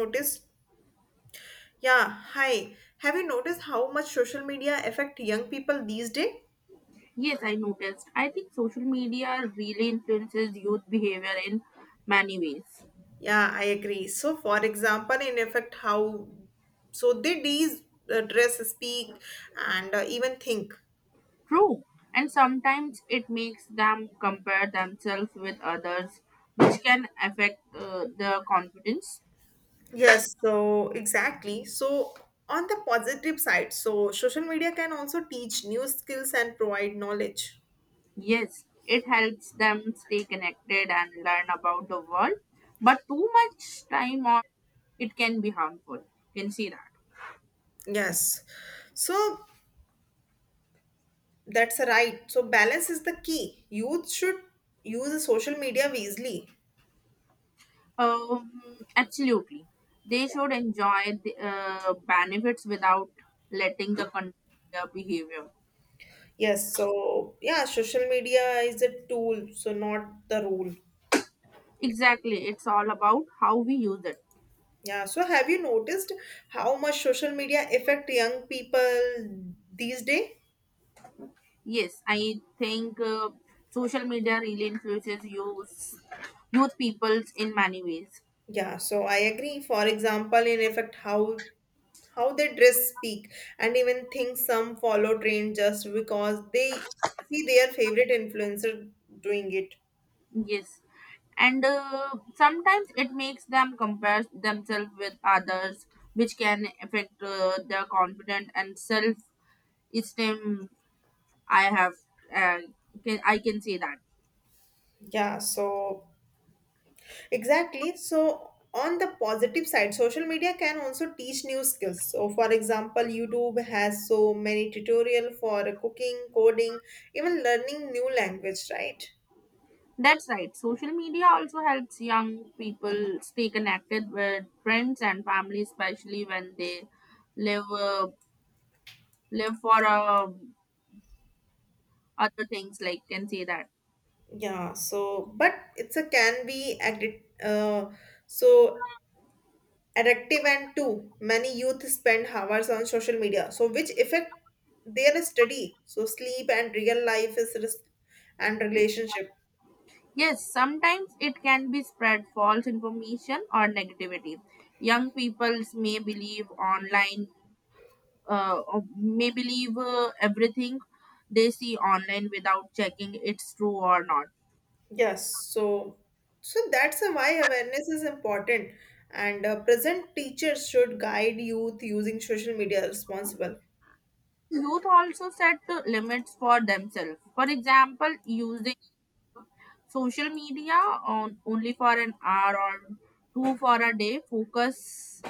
Noticed? Yeah, hi. Have you noticed how much social media affect young people these days? Yes, I noticed. I think social media really influences youth behavior in many ways. Yeah, I agree. So, for example, in effect, how so they these dress, speak, and even think. True. And sometimes it makes them compare themselves with others, which can affect their confidence. Yes, so exactly. So, on the positive side, so social media can also teach new skills and provide knowledge. Yes, it helps them stay connected and learn about the world, but too much time on it can be harmful. You can see that. Yes. So that's right. So balance is the key. Youth should use social media wisely. Um, Absolutely. They should enjoy the benefits without letting the control their behavior. Yes, so yeah, social media is a tool, so not the rule. Exactly. It's all about how we use it. Yeah, so have you noticed how much social media affect young people these days? Yes, I think social media really influences youth peoples in many ways. Yeah, so I agree. For example, in effect, how they dress, speak, and even think. Some follow trend just because they see their favorite influencer doing it. Yes. And sometimes it makes them compare themselves with others, which can affect their confidence and self esteem I have, uh, I can say that. Yeah, so Exactly. So, on the positive side, social media can also teach new skills. So, for example, YouTube has so many tutorial for cooking, coding, even learning new language, right? That's right. Social media also helps young people stay connected with friends and family, especially when they live live for other things. Like can say that. Yeah. So, but it's a can be so addictive, and too many youth spend hours on social media, so which affect their study, so sleep and real life and relationship. Yes, sometimes it can be spread false information or negativity. Young people may believe online, or may believe everything they see online without checking it's true or not. Yes, so so that's a why awareness is important, and present teachers should guide youth using social media responsible. Youth also set the limits for themselves. For example, using social media on only for an hour or two for a day. Focus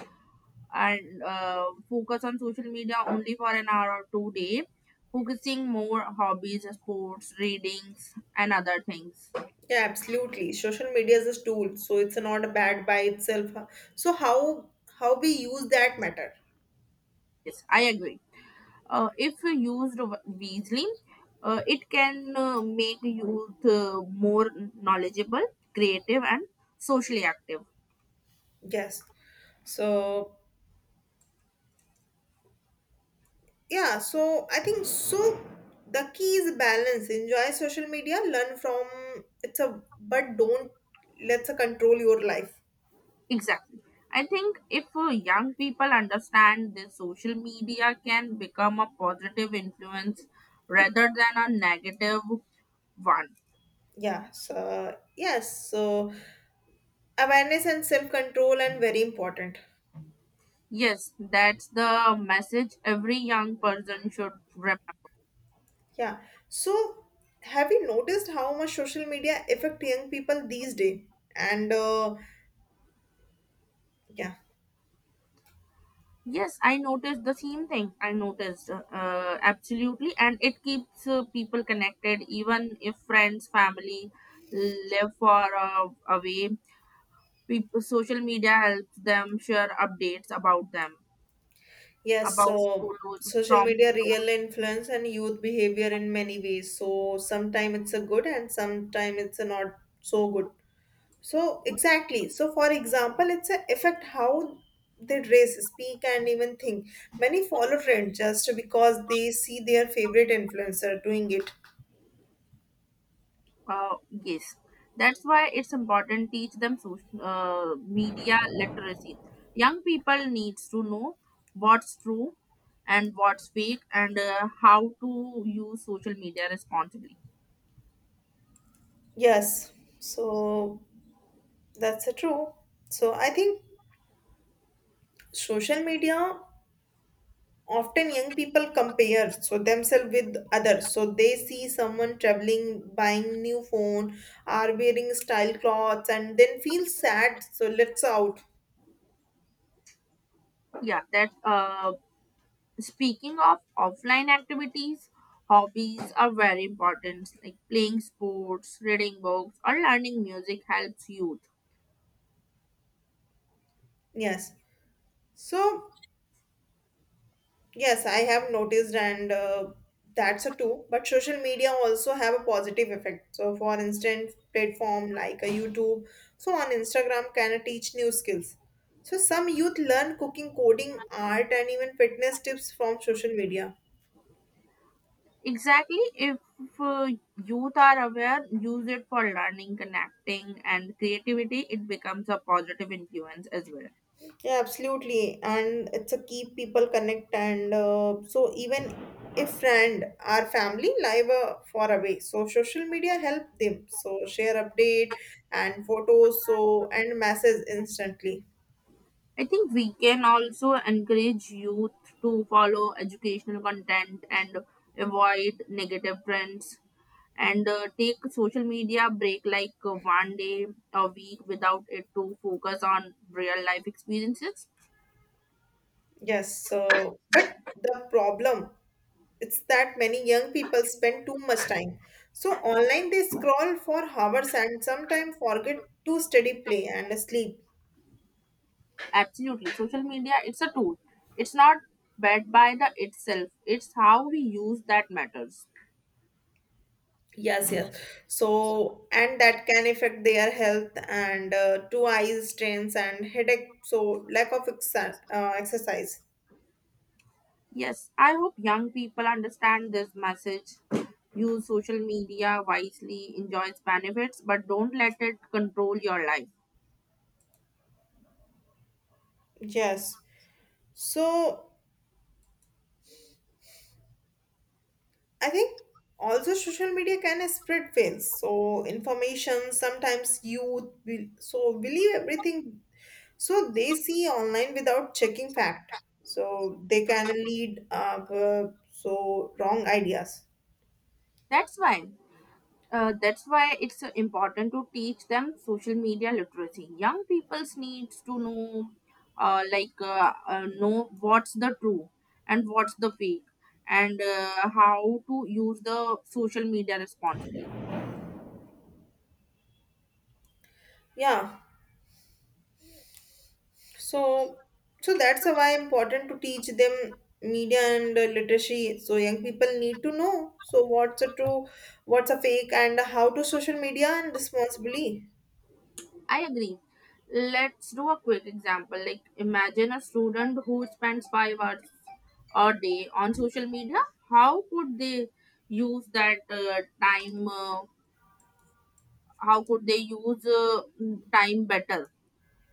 and focus on social media only for an hour or 2 day. Focusing more hobbies, sports, readings, and other things. Yeah, absolutely. Social media is a tool, so it's not bad by itself, huh? So how we use that matter. Yes, I agree. If used wisely, it can make youth more knowledgeable, creative, and socially active. Yes. So yeah, so I think so. The key is balance. Enjoy social media, learn from it's a but don't let's a control your life. Exactly. I think if young people understand this, social media can become a positive influence rather than a negative one. Yeah. So yes. So awareness and self control and very important. Yes, that's the message every young person should remember. Yeah, so have you noticed how much social media affect young people these days? And yeah, Yes, I noticed the same thing. I noticed absolutely, and it keeps people connected, even if friends, family live far away. People, social media helps them share updates about them. yes, About so photos social from media photos. really influence and youth behavior in many ways. So sometimes it's a good and sometimes it's a not so good. So exactly, so for example it's a affect how they dress, speak, and even think. Many follow trends just because they see their favorite influencer doing it. Yes, that's why it's important teach them social media literacy. Young people needs to know what's true and what's fake and how to use social media responsibly. Yes, so that's a true. So I think social media often young people compare so themselves with others. So they see someone traveling, buying new phone, are wearing style clothes, and then feel sad. So let's out. Yeah, that. Speaking of offline activities, hobbies are very important. Like playing sports, reading books, or learning music helps youth. Yes. So yes, I have noticed, and that's a two. But social media also have a positive effect. So, for instance, platform like a YouTube, so on Instagram can teach new skills. So, some youth learn cooking, coding, art, and even fitness tips from social media. Exactly. If uh, youth are aware, use it for learning, connecting, and creativity, it becomes a positive influence as well. Yeah, absolutely. And it's a keep people connect and so even if friend or family live far away, so social media help them. So share update and photos so and message instantly. I think we can also encourage youth to follow educational content and avoid negative trends and take social media break like 1 day a week without it to focus on real life experiences. Yes, so but the problem it's that many young people spend too much time. So online they scroll for hours and sometimes forget to study, play and sleep. Absolutely. Social media, it's a tool. It's not bad by the itself. It's how we use that matters. Yes, yes. So, and that can affect their health and two eye strains and headache. So, lack of exercise. Yes, I hope young people understand this message. Use social media wisely, enjoy its benefits, but don't let it control your life. Yes. So, I think also social media can spread fails. So, information sometimes youth will so believe everything. So they see online without checking fact. So they can lead up so wrong ideas. That's why. That's why it's important to teach them social media literacy. Young people's needs to know, like, know what's the true and what's the fake, and how to use the social media responsibly. Yeah. So, so that's why important to teach them media and literacy. So young people need to know. So what's a true, what's a fake, and how to social media and responsibly. I agree. Let's do a quick example. Like, imagine a student who spends 5 hours a day on social media. How could they use that time? How could they use time better?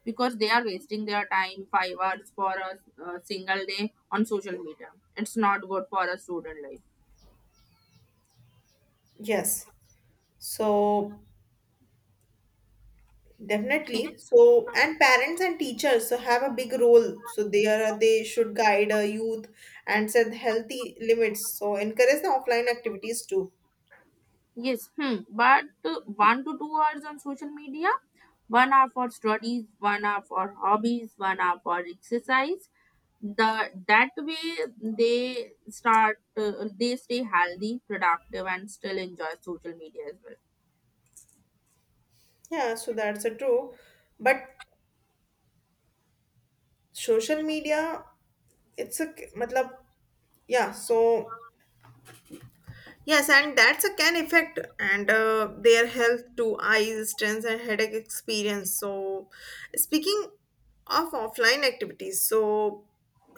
Because they are wasting their time 5 hours for a single day on social media, it's not good for a student life. Yes. So We- definitely. So and parents and teachers so have a big role. So they should guide a youth and set healthy limits. So encourage the offline activities too. yes. Hmm, but 1 to 2 hours on social media, 1 hour for studies, 1 hour for hobbies, 1 hour for exercise, the that way they start they stay healthy, productive, and still enjoy social media as well. Yeah. So that's a true. But social media, it's a मतलब. Yeah, so yes, and that's a can effect and their health to eyes, stress, and headache experience. So, speaking of offline activities, so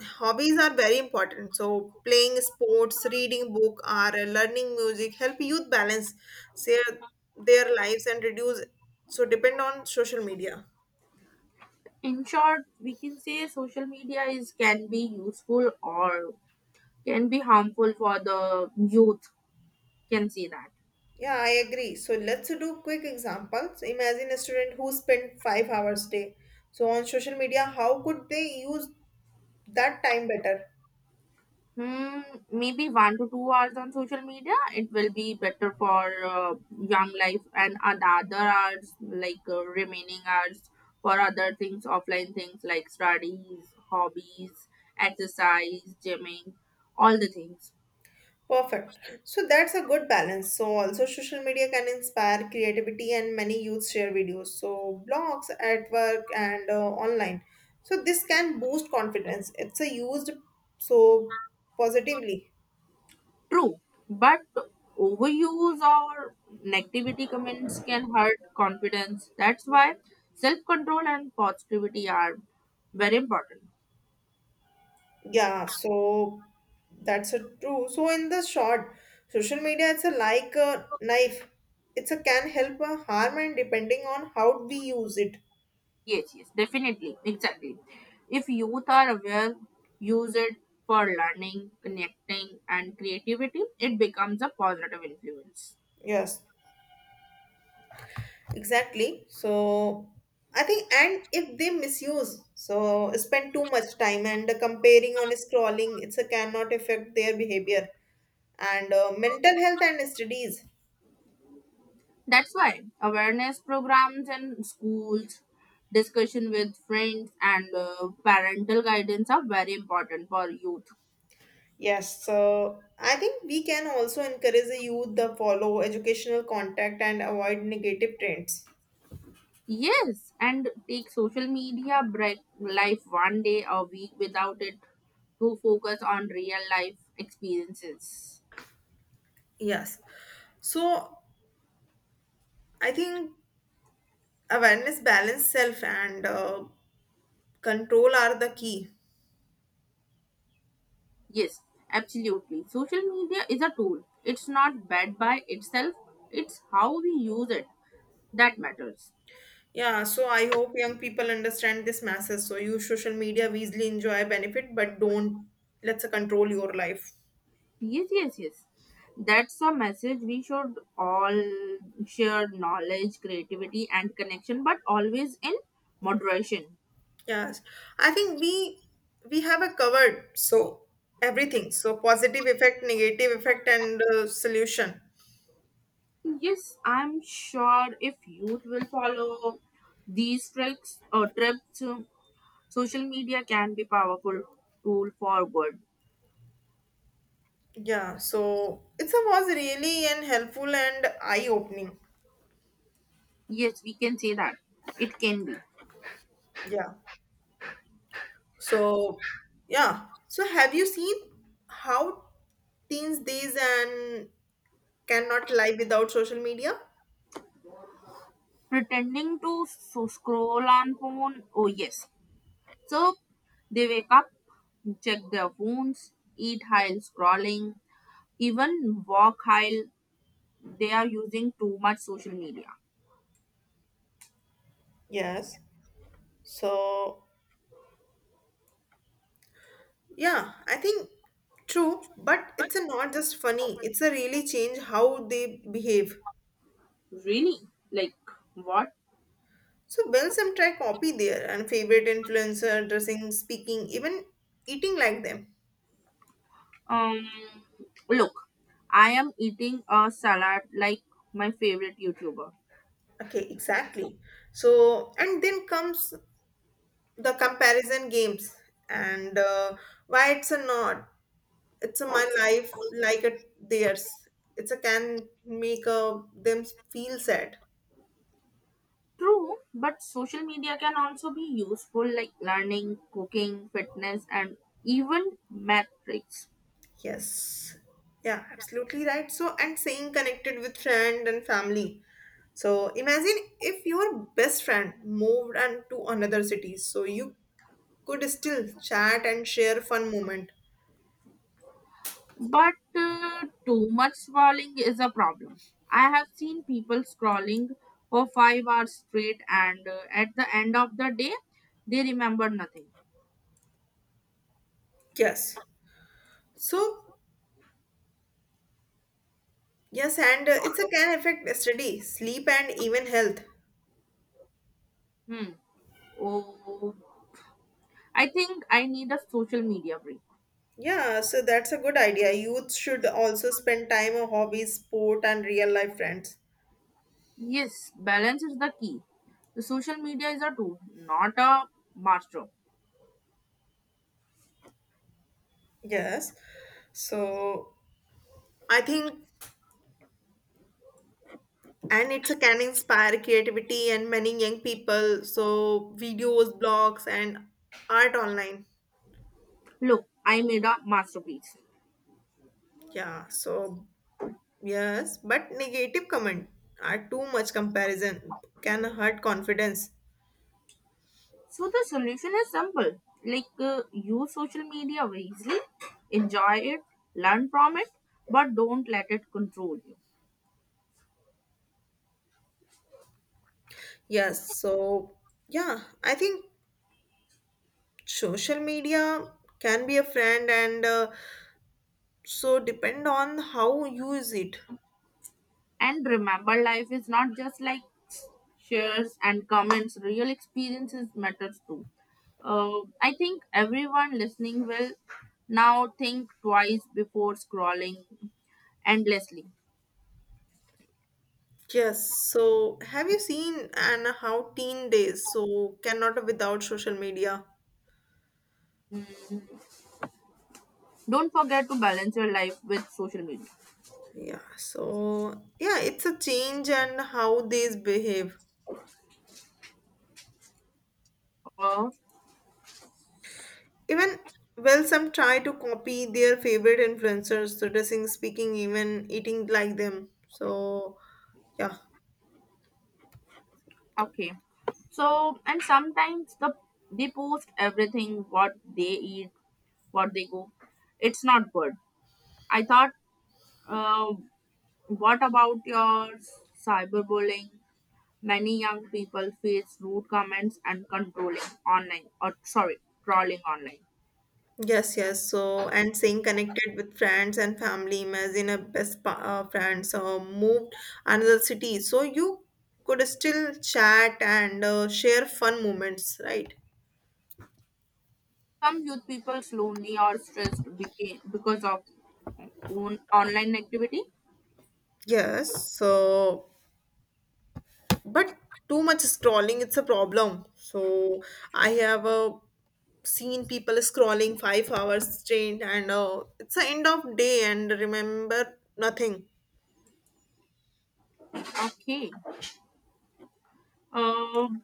hobbies are very important. So, playing sports, reading book, or learning music help youth balance their their lives and reduce so depend on social media. In short, we can say social media is can be useful or can be harmful for the youth. Can see that. Yeah, I agree. So let's do quick examples. Imagine a student who spent 5 hours day. So on social media, how could they use that time better? Hmm, maybe 1 to 2 hours on social media, it will be better for young life, and the other hours, like remaining hours, for other things, offline things like studies, hobbies, exercise, gymming, all the things. Perfect. So that's a good balance. So also social media can inspire creativity and many youth share videos. So blogs at work and online. So this can boost confidence. It's a used so positively. True, but overuse or negativity comments can hurt confidence. That's why self control and positivity are very important. Yeah, so that's a true. So in the short, social media it's a like a knife. It's a can help or harm and depending on how we use it. Yes, yes, definitely, exactly. If youth are aware, use it for learning, connecting, and creativity, it becomes a positive influence. Yes, exactly. So I think and if they misuse, so spend too much time and comparing on scrolling, it's a cannot affect their behavior and mental health and studies. That's why awareness programs in schools, discussion with friends, and parental guidance are very important for youth. Yes, so I think we can also encourage the youth to follow educational contact and avoid negative trends. Yes, and take social media break life 1 day a week without it to focus on real life experiences. Yes. So I think awareness, balance, self, and control are the key. Yes, absolutely. Social media is a tool. It's not bad by itself, it's how we use it that matters. Yeah, so I hope young people understand this message. So use social media, we easily enjoy benefit, but don't let's control your life. Yes, yes, yes. That's a message we should all share knowledge, creativity, and connection, but always in moderation. Yes. I think we have a covered so everything. So positive effect, negative effect, and solution. Yes, I'm sure if youth will follow these tricks or trips, social media can be powerful tool for good. Yeah, so it's a was really and helpful and eye-opening. Yes, we can say that. It can be. Yeah. So yeah. So have you seen how teens these and cannot live without social media? Pretending to so scroll on phone. Oh yes. So they wake up, check their phones, eat while scrolling, even walk while they are using too much social media. Yes. So yeah, I think true, but it's a not just funny. It's a really change how they behave. Really? Like what? So well, some try copy there and favorite influencer, dressing, speaking, even eating like them. Um look, I am eating a salad like my favorite YouTuber. Okay, exactly. So, and then comes the comparison games, and why it's a not, it's a my life like a theirs. It's a can make a, them feel sad. True, but social media can also be useful like learning, cooking, fitness and even math tricks. Yes, yeah, absolutely right. So, and staying connected with friend and family. So, imagine if your best friend moved and to another city, so you could still chat and share fun moment. But too much scrolling is a problem. I have seen people scrolling for 5 hours straight, and at the end of the day, they remember nothing. Yes. So yes, and it's a can affect study, sleep, and even health. Hmm. Oh, I think I need a social media break. Yeah, so that's a good idea. Youth should also spend time on hobbies, sport, and real life friends. Yes, balance is the key. The social media is a tool, not a master. Yes, so I think, and it's a can inspire creativity and many young people. So videos, blogs, and art online. Look, I made a masterpiece. Yeah, so yes, but negative comment are too much comparison can hurt confidence. So the solution is simple. Like use social media wisely, enjoy it, learn from it, but don't let it control you. Yes, so yeah, I think social media can be a friend and so depend on how you use it. And remember, life is not just like shares and comments. Real experiences matters too. I think everyone listening will now think twice before scrolling endlessly. Yes, so have you seen and how teen days so cannot without social media? Mm, don't forget to balance your life with social media. Yeah, so yeah, it's a change and how these behave. Uh, Even well, some try to copy their favorite influencers, so dressing, speaking, even eating like them. So yeah, so Okay. So, and sometimes the they post everything what they eat, what they go. It's not good. I thought, uh, what about your cyberbullying? Many young people face rude comments and controlling online, or sorry, trolling online. yes, yes. So, and staying connected with friends and family. Imagine a friends moved another city, so you could still chat and share fun moments, right? Some youth people lonely or stressed because of own online activity. Yes. So, but too much scrolling, it's a problem. So, I have seen people scrolling 5 hours straight, and it's the end of day, and remember nothing. Okay. Um,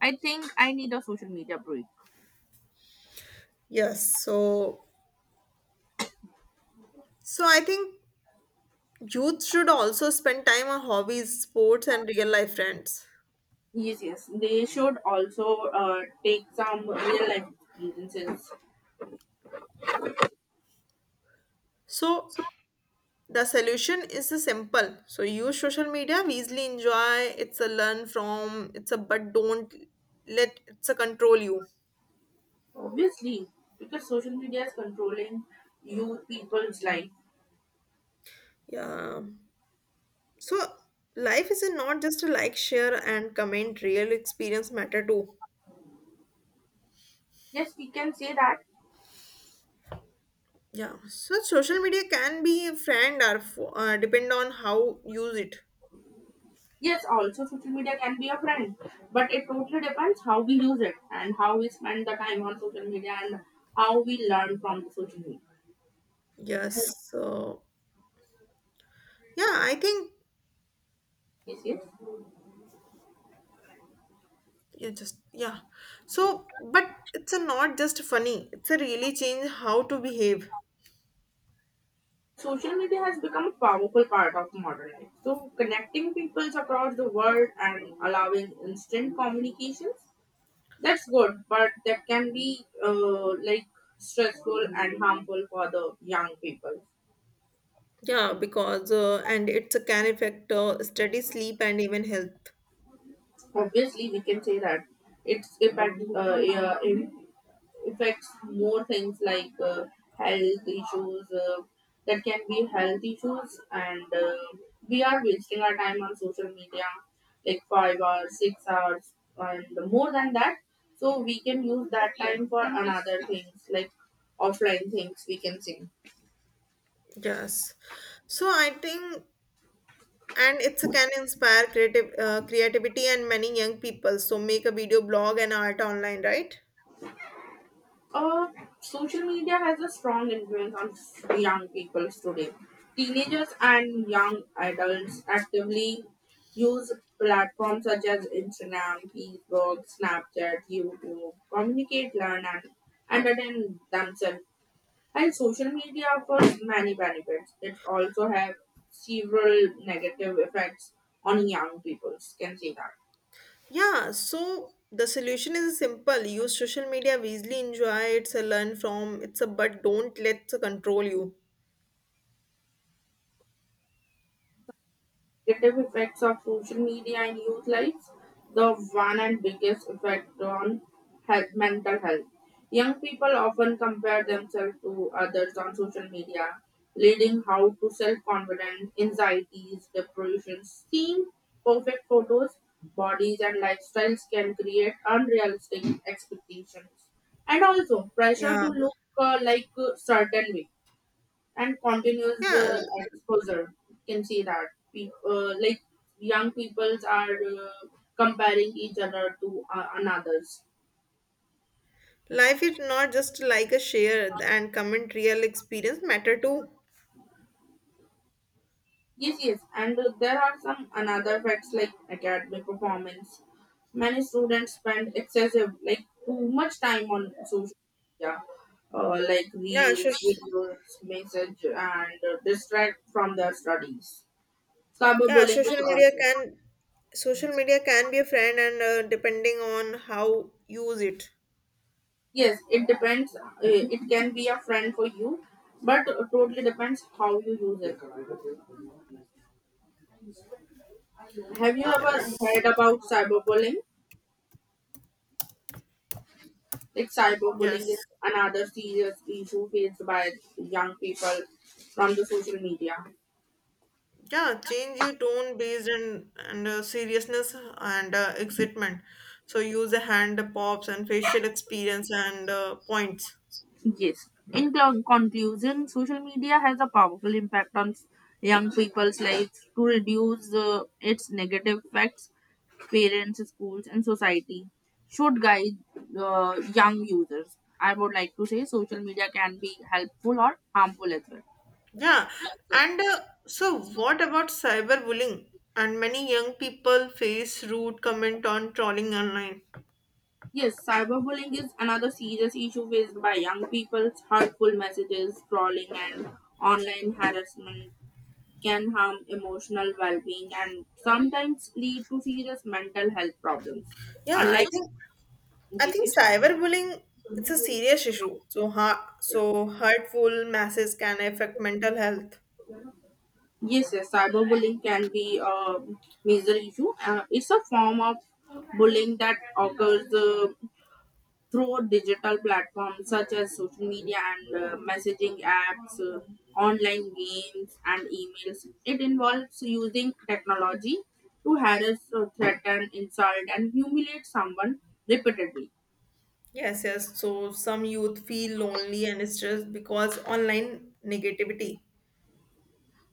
I think I need a social media break. Yes, so so I think youth should also spend time on hobbies, sports, and real life friends. Yes, yes. They should also take some real life experiences. So the solution is simple. So use social media, we easily enjoy, it's a learn from, it's a but don't let it's a control you. Obviously, because social media is controlling youth people's life. Yeah. So life is not just a like, share, and comment. Real experience matter too. Yes, we can say that. Yeah. So social media can be a friend or depend on how use it. Yes, also social media can be a friend, but it totally depends how we use it and how we spend the time on social media and how we learn from the social media. Yes. So yeah, I think Yes, yes. yeah, just yeah. So, but it's a not just funny. It's a really change how to behave. Social media has become a powerful part of modern life. So, connecting peoples across the world and allowing instant communications. That's good, but that can be like stressful and harmful for the young people. Yeah, because and it's a can affect study, sleep, and even health. Obviously, we can say that it's impact yeah, it affects more things like health issues. That can be health issues, and we are wasting our time on social media, like 5 hours, 6 hours, and more than that. So we can use that time for another things like offline things. We can say. Yes. So I think and it's a can inspire creative creativity and many young people. So make a video blog and art online, right? Uh, Social media has a strong influence on young people today. Teenagers and young adults actively use platforms such as Instagram, Facebook, Snapchat, YouTube, communicate, learn, and entertain themselves. And social media offers many benefits. It also has several negative effects on young people. Can see that. Yeah, so the solution is simple. Use social media wisely, enjoy it's a learn from it's a but don't let it control you. Negative effects of social media in youth lives. The one and biggest effect on health, mental health. Young people often compare themselves to others on social media, leading how to self-confidence, anxieties, depression. Seeing perfect photos, bodies, and lifestyles can create unrealistic expectations, and also pressure to Yeah. look like a certain way and continues Yeah, the exposure. You can see that like young peoples are comparing each other to another's. life is not just like a share and comment. Real experience matter too. Yes, yes, and there are some another facts like academic performance. Many students spend excessive, like too much time on social media, like Yeah, reels, social, videos, message, and distract from their studies. yeah, Cyberbullying social is media also. can Social media can be a friend and depending on how use it. Yes, it depends. It can be a friend for you, but totally depends how you use it. Have you ever Yes. heard about cyberbullying? Like cyberbullying is Yes. another serious issue faced by young people from the social media. Yeah, change your tone based on and seriousness and excitement. So use the hand pops and facial experience and points. Yes. In conclusion, social media has a powerful impact on young people's lives to reduce its negative effects. Parents, schools, and society should guide young users. I would like to say social media can be helpful or harmful as well. Yeah, Okay. and so what about cyberbullying? And many young people face rude comment on trolling online. Yes, cyberbullying is another serious issue faced by young people. Hurtful messages, trolling, and online harassment can harm emotional well being and sometimes lead to serious mental health problems. Yeah, I Unlike think yes, yes, cyberbullying it's a serious issue. So so hurtful messages can affect mental health. yes, yes cyberbullying can be a major issue. It's a form of bullying that occurs through digital platforms such as social media and messaging apps, online games, and emails. It involves using technology to harass, threaten, insult, and humiliate someone repeatedly. Yes, yes. So some youth feel lonely and stressed because online negativity.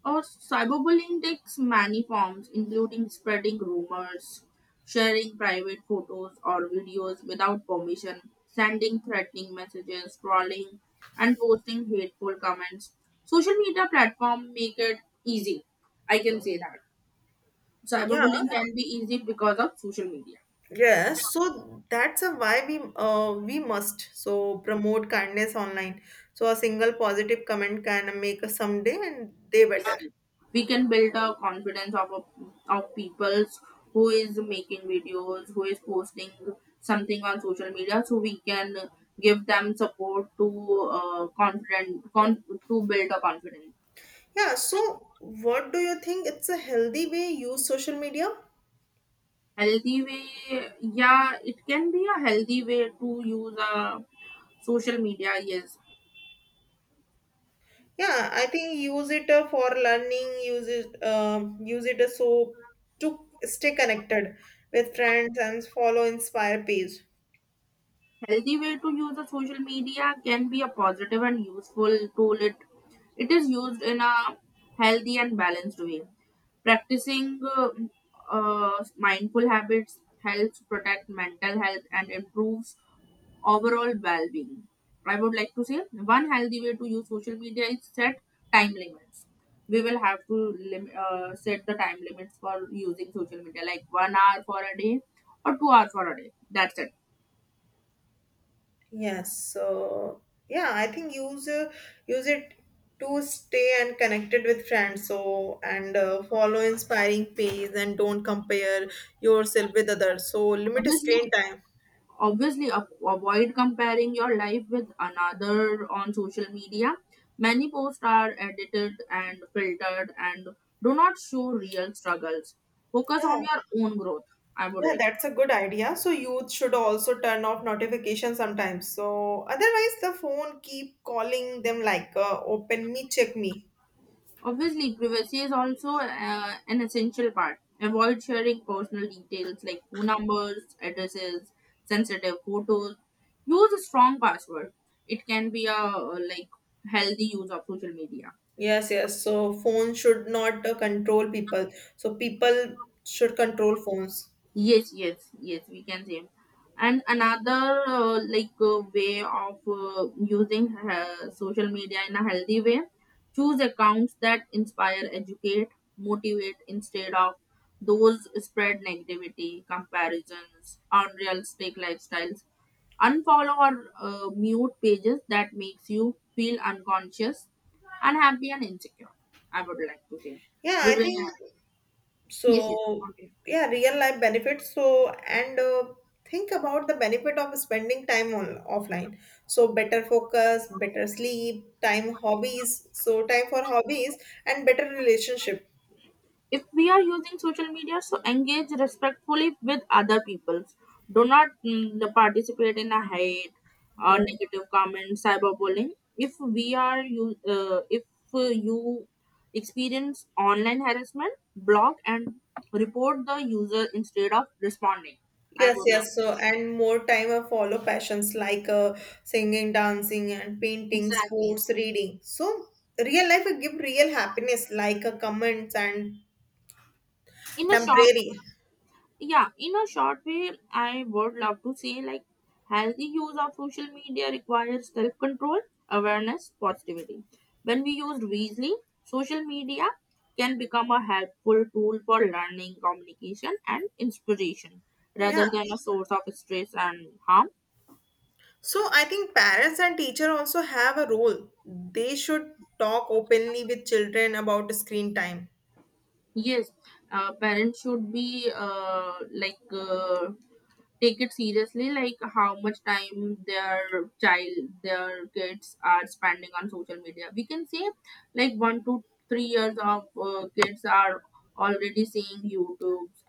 Uh, Cyberbullying takes many forms, including spreading rumors, sharing private photos or videos without permission, sending threatening messages, trolling, and posting hateful comments. Social media platforms make it easy. I can say that Yeah. cyberbullying can be easy because of social media. Yes, so that's a why we must so promote kindness online. So a single positive comment can make a someday and day You better. see, we can build a confidence of of people who is making videos, who is posting something on social media, so we can give them support to to build a confidence. Yeah, so what do you think it's a healthy way use social media? Healthy way, yeah, it can be a healthy way to use a social media, yes. Yeah, I think use it for learning, use it so to stay connected with friends and follow inspire page. Healthy way to use the social media can be a positive and useful tool. It is used in a healthy and balanced way. Practicing mindful habits helps protect mental health and improves overall well-being. I would like to say, one healthy way to use social media is set time limits. We will have to set the time limits for using social media, like 1 hour for a day or 2 hours for a day. That's it. Yes, so yeah, I think use it to stay and connected with friends. So and follow inspiring pages and don't compare yourself with others. So limit Obviously, screen time. Obviously, avoid comparing your life with another on social media. Many posts are edited and filtered and do not show real struggles. Focus Yeah, on your own growth. I would yeah, like. that's a good idea. So youth should also turn off notifications sometimes. So otherwise, the phone keep calling them like open me, check me. Obviously, privacy is also an essential part. Avoid sharing personal details like phone numbers, addresses, sensitive photos. Use a strong password. It can be a like healthy use of social media. Yes, yes. So phone should not control people. So people should control phones. Yes, yes, yes, we can save. And another like way of using social media in a healthy way, choose accounts that inspire, educate, motivate instead of those spread negativity, comparisons, unrealistic lifestyles. Unfollow or mute pages that makes you feel unconscious, unhappy and insecure. I would like to say. Yeah, We I will. Uh, think yes, yes. so, Okay. yeah, real life benefits. So, and think about the benefit of spending time on offline. So, better focus, better sleep, time hobbies. So, time for hobbies and better relationship. If we are using social media, so engage respectfully with other people. Do not mm, the participate in a hate or Yeah. negative comment, cyberbullying. If you experience online harassment, block and report the user instead of responding. I Yes, would love. yes. So, and more time of follow passions like singing, dancing, and painting, Exactly. sports, reading. So, real life will give real happiness like comments and In a short temporary. Yeah, in a short way, I would love to say, like, healthy use of social media requires self-control, awareness, positivity. When we use wisely social media, can become a helpful tool for learning, communication and inspiration rather Yeah. than a source of stress and harm. So I think parents and teacher also have a role. They should talk openly with children about screen time. Yes. Uh, parents should be like take it seriously, like how much time their kids are spending on social media. We can say like 1 to 3 years of kids are already seeing YouTube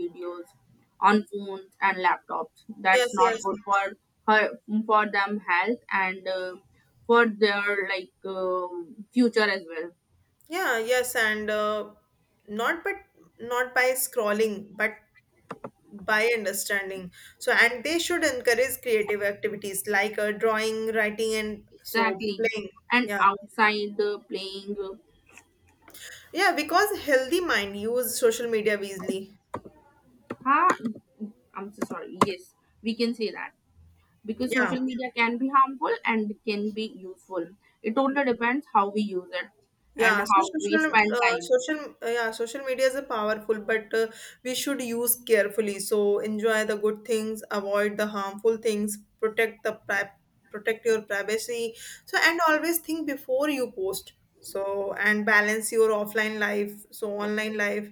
videos on phones and laptops. Yes, That's not yes. good for her, for them health, and for their like future as well. Yeah, yes, and not but not by scrolling, but by understanding. So and they should encourage creative activities like drawing, writing, and so Exactly. playing. And Yeah. outside playing Yeah, because healthy mind use social media wisely. huh? I'm so sorry. Yes, we can say that because Yeah. social media can be harmful and can be useful. It totally depends how we use it and Yeah, so how we spend time. Yeah, social media is a powerful, but we should use carefully. So enjoy the good things, avoid the harmful things, protect the protect your privacy. So and always think before you post. So and balance your offline life, so online life,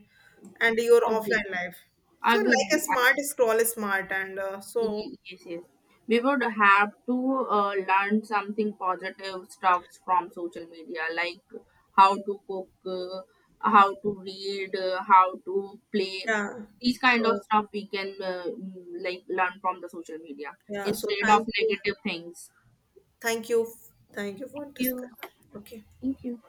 and your offline Obviously, life. So like a obviously, smart scroll is smart, and so Absolutely, yes, yes. We would have to learn something positive stuff from social media, like how to cook, how to read, how to play. yeah, These kind of so stuff we can like learn from the social media yeah, so instead of thank you, negative things. thank you, thank you for Thank you. discussion. Okay. Thank you.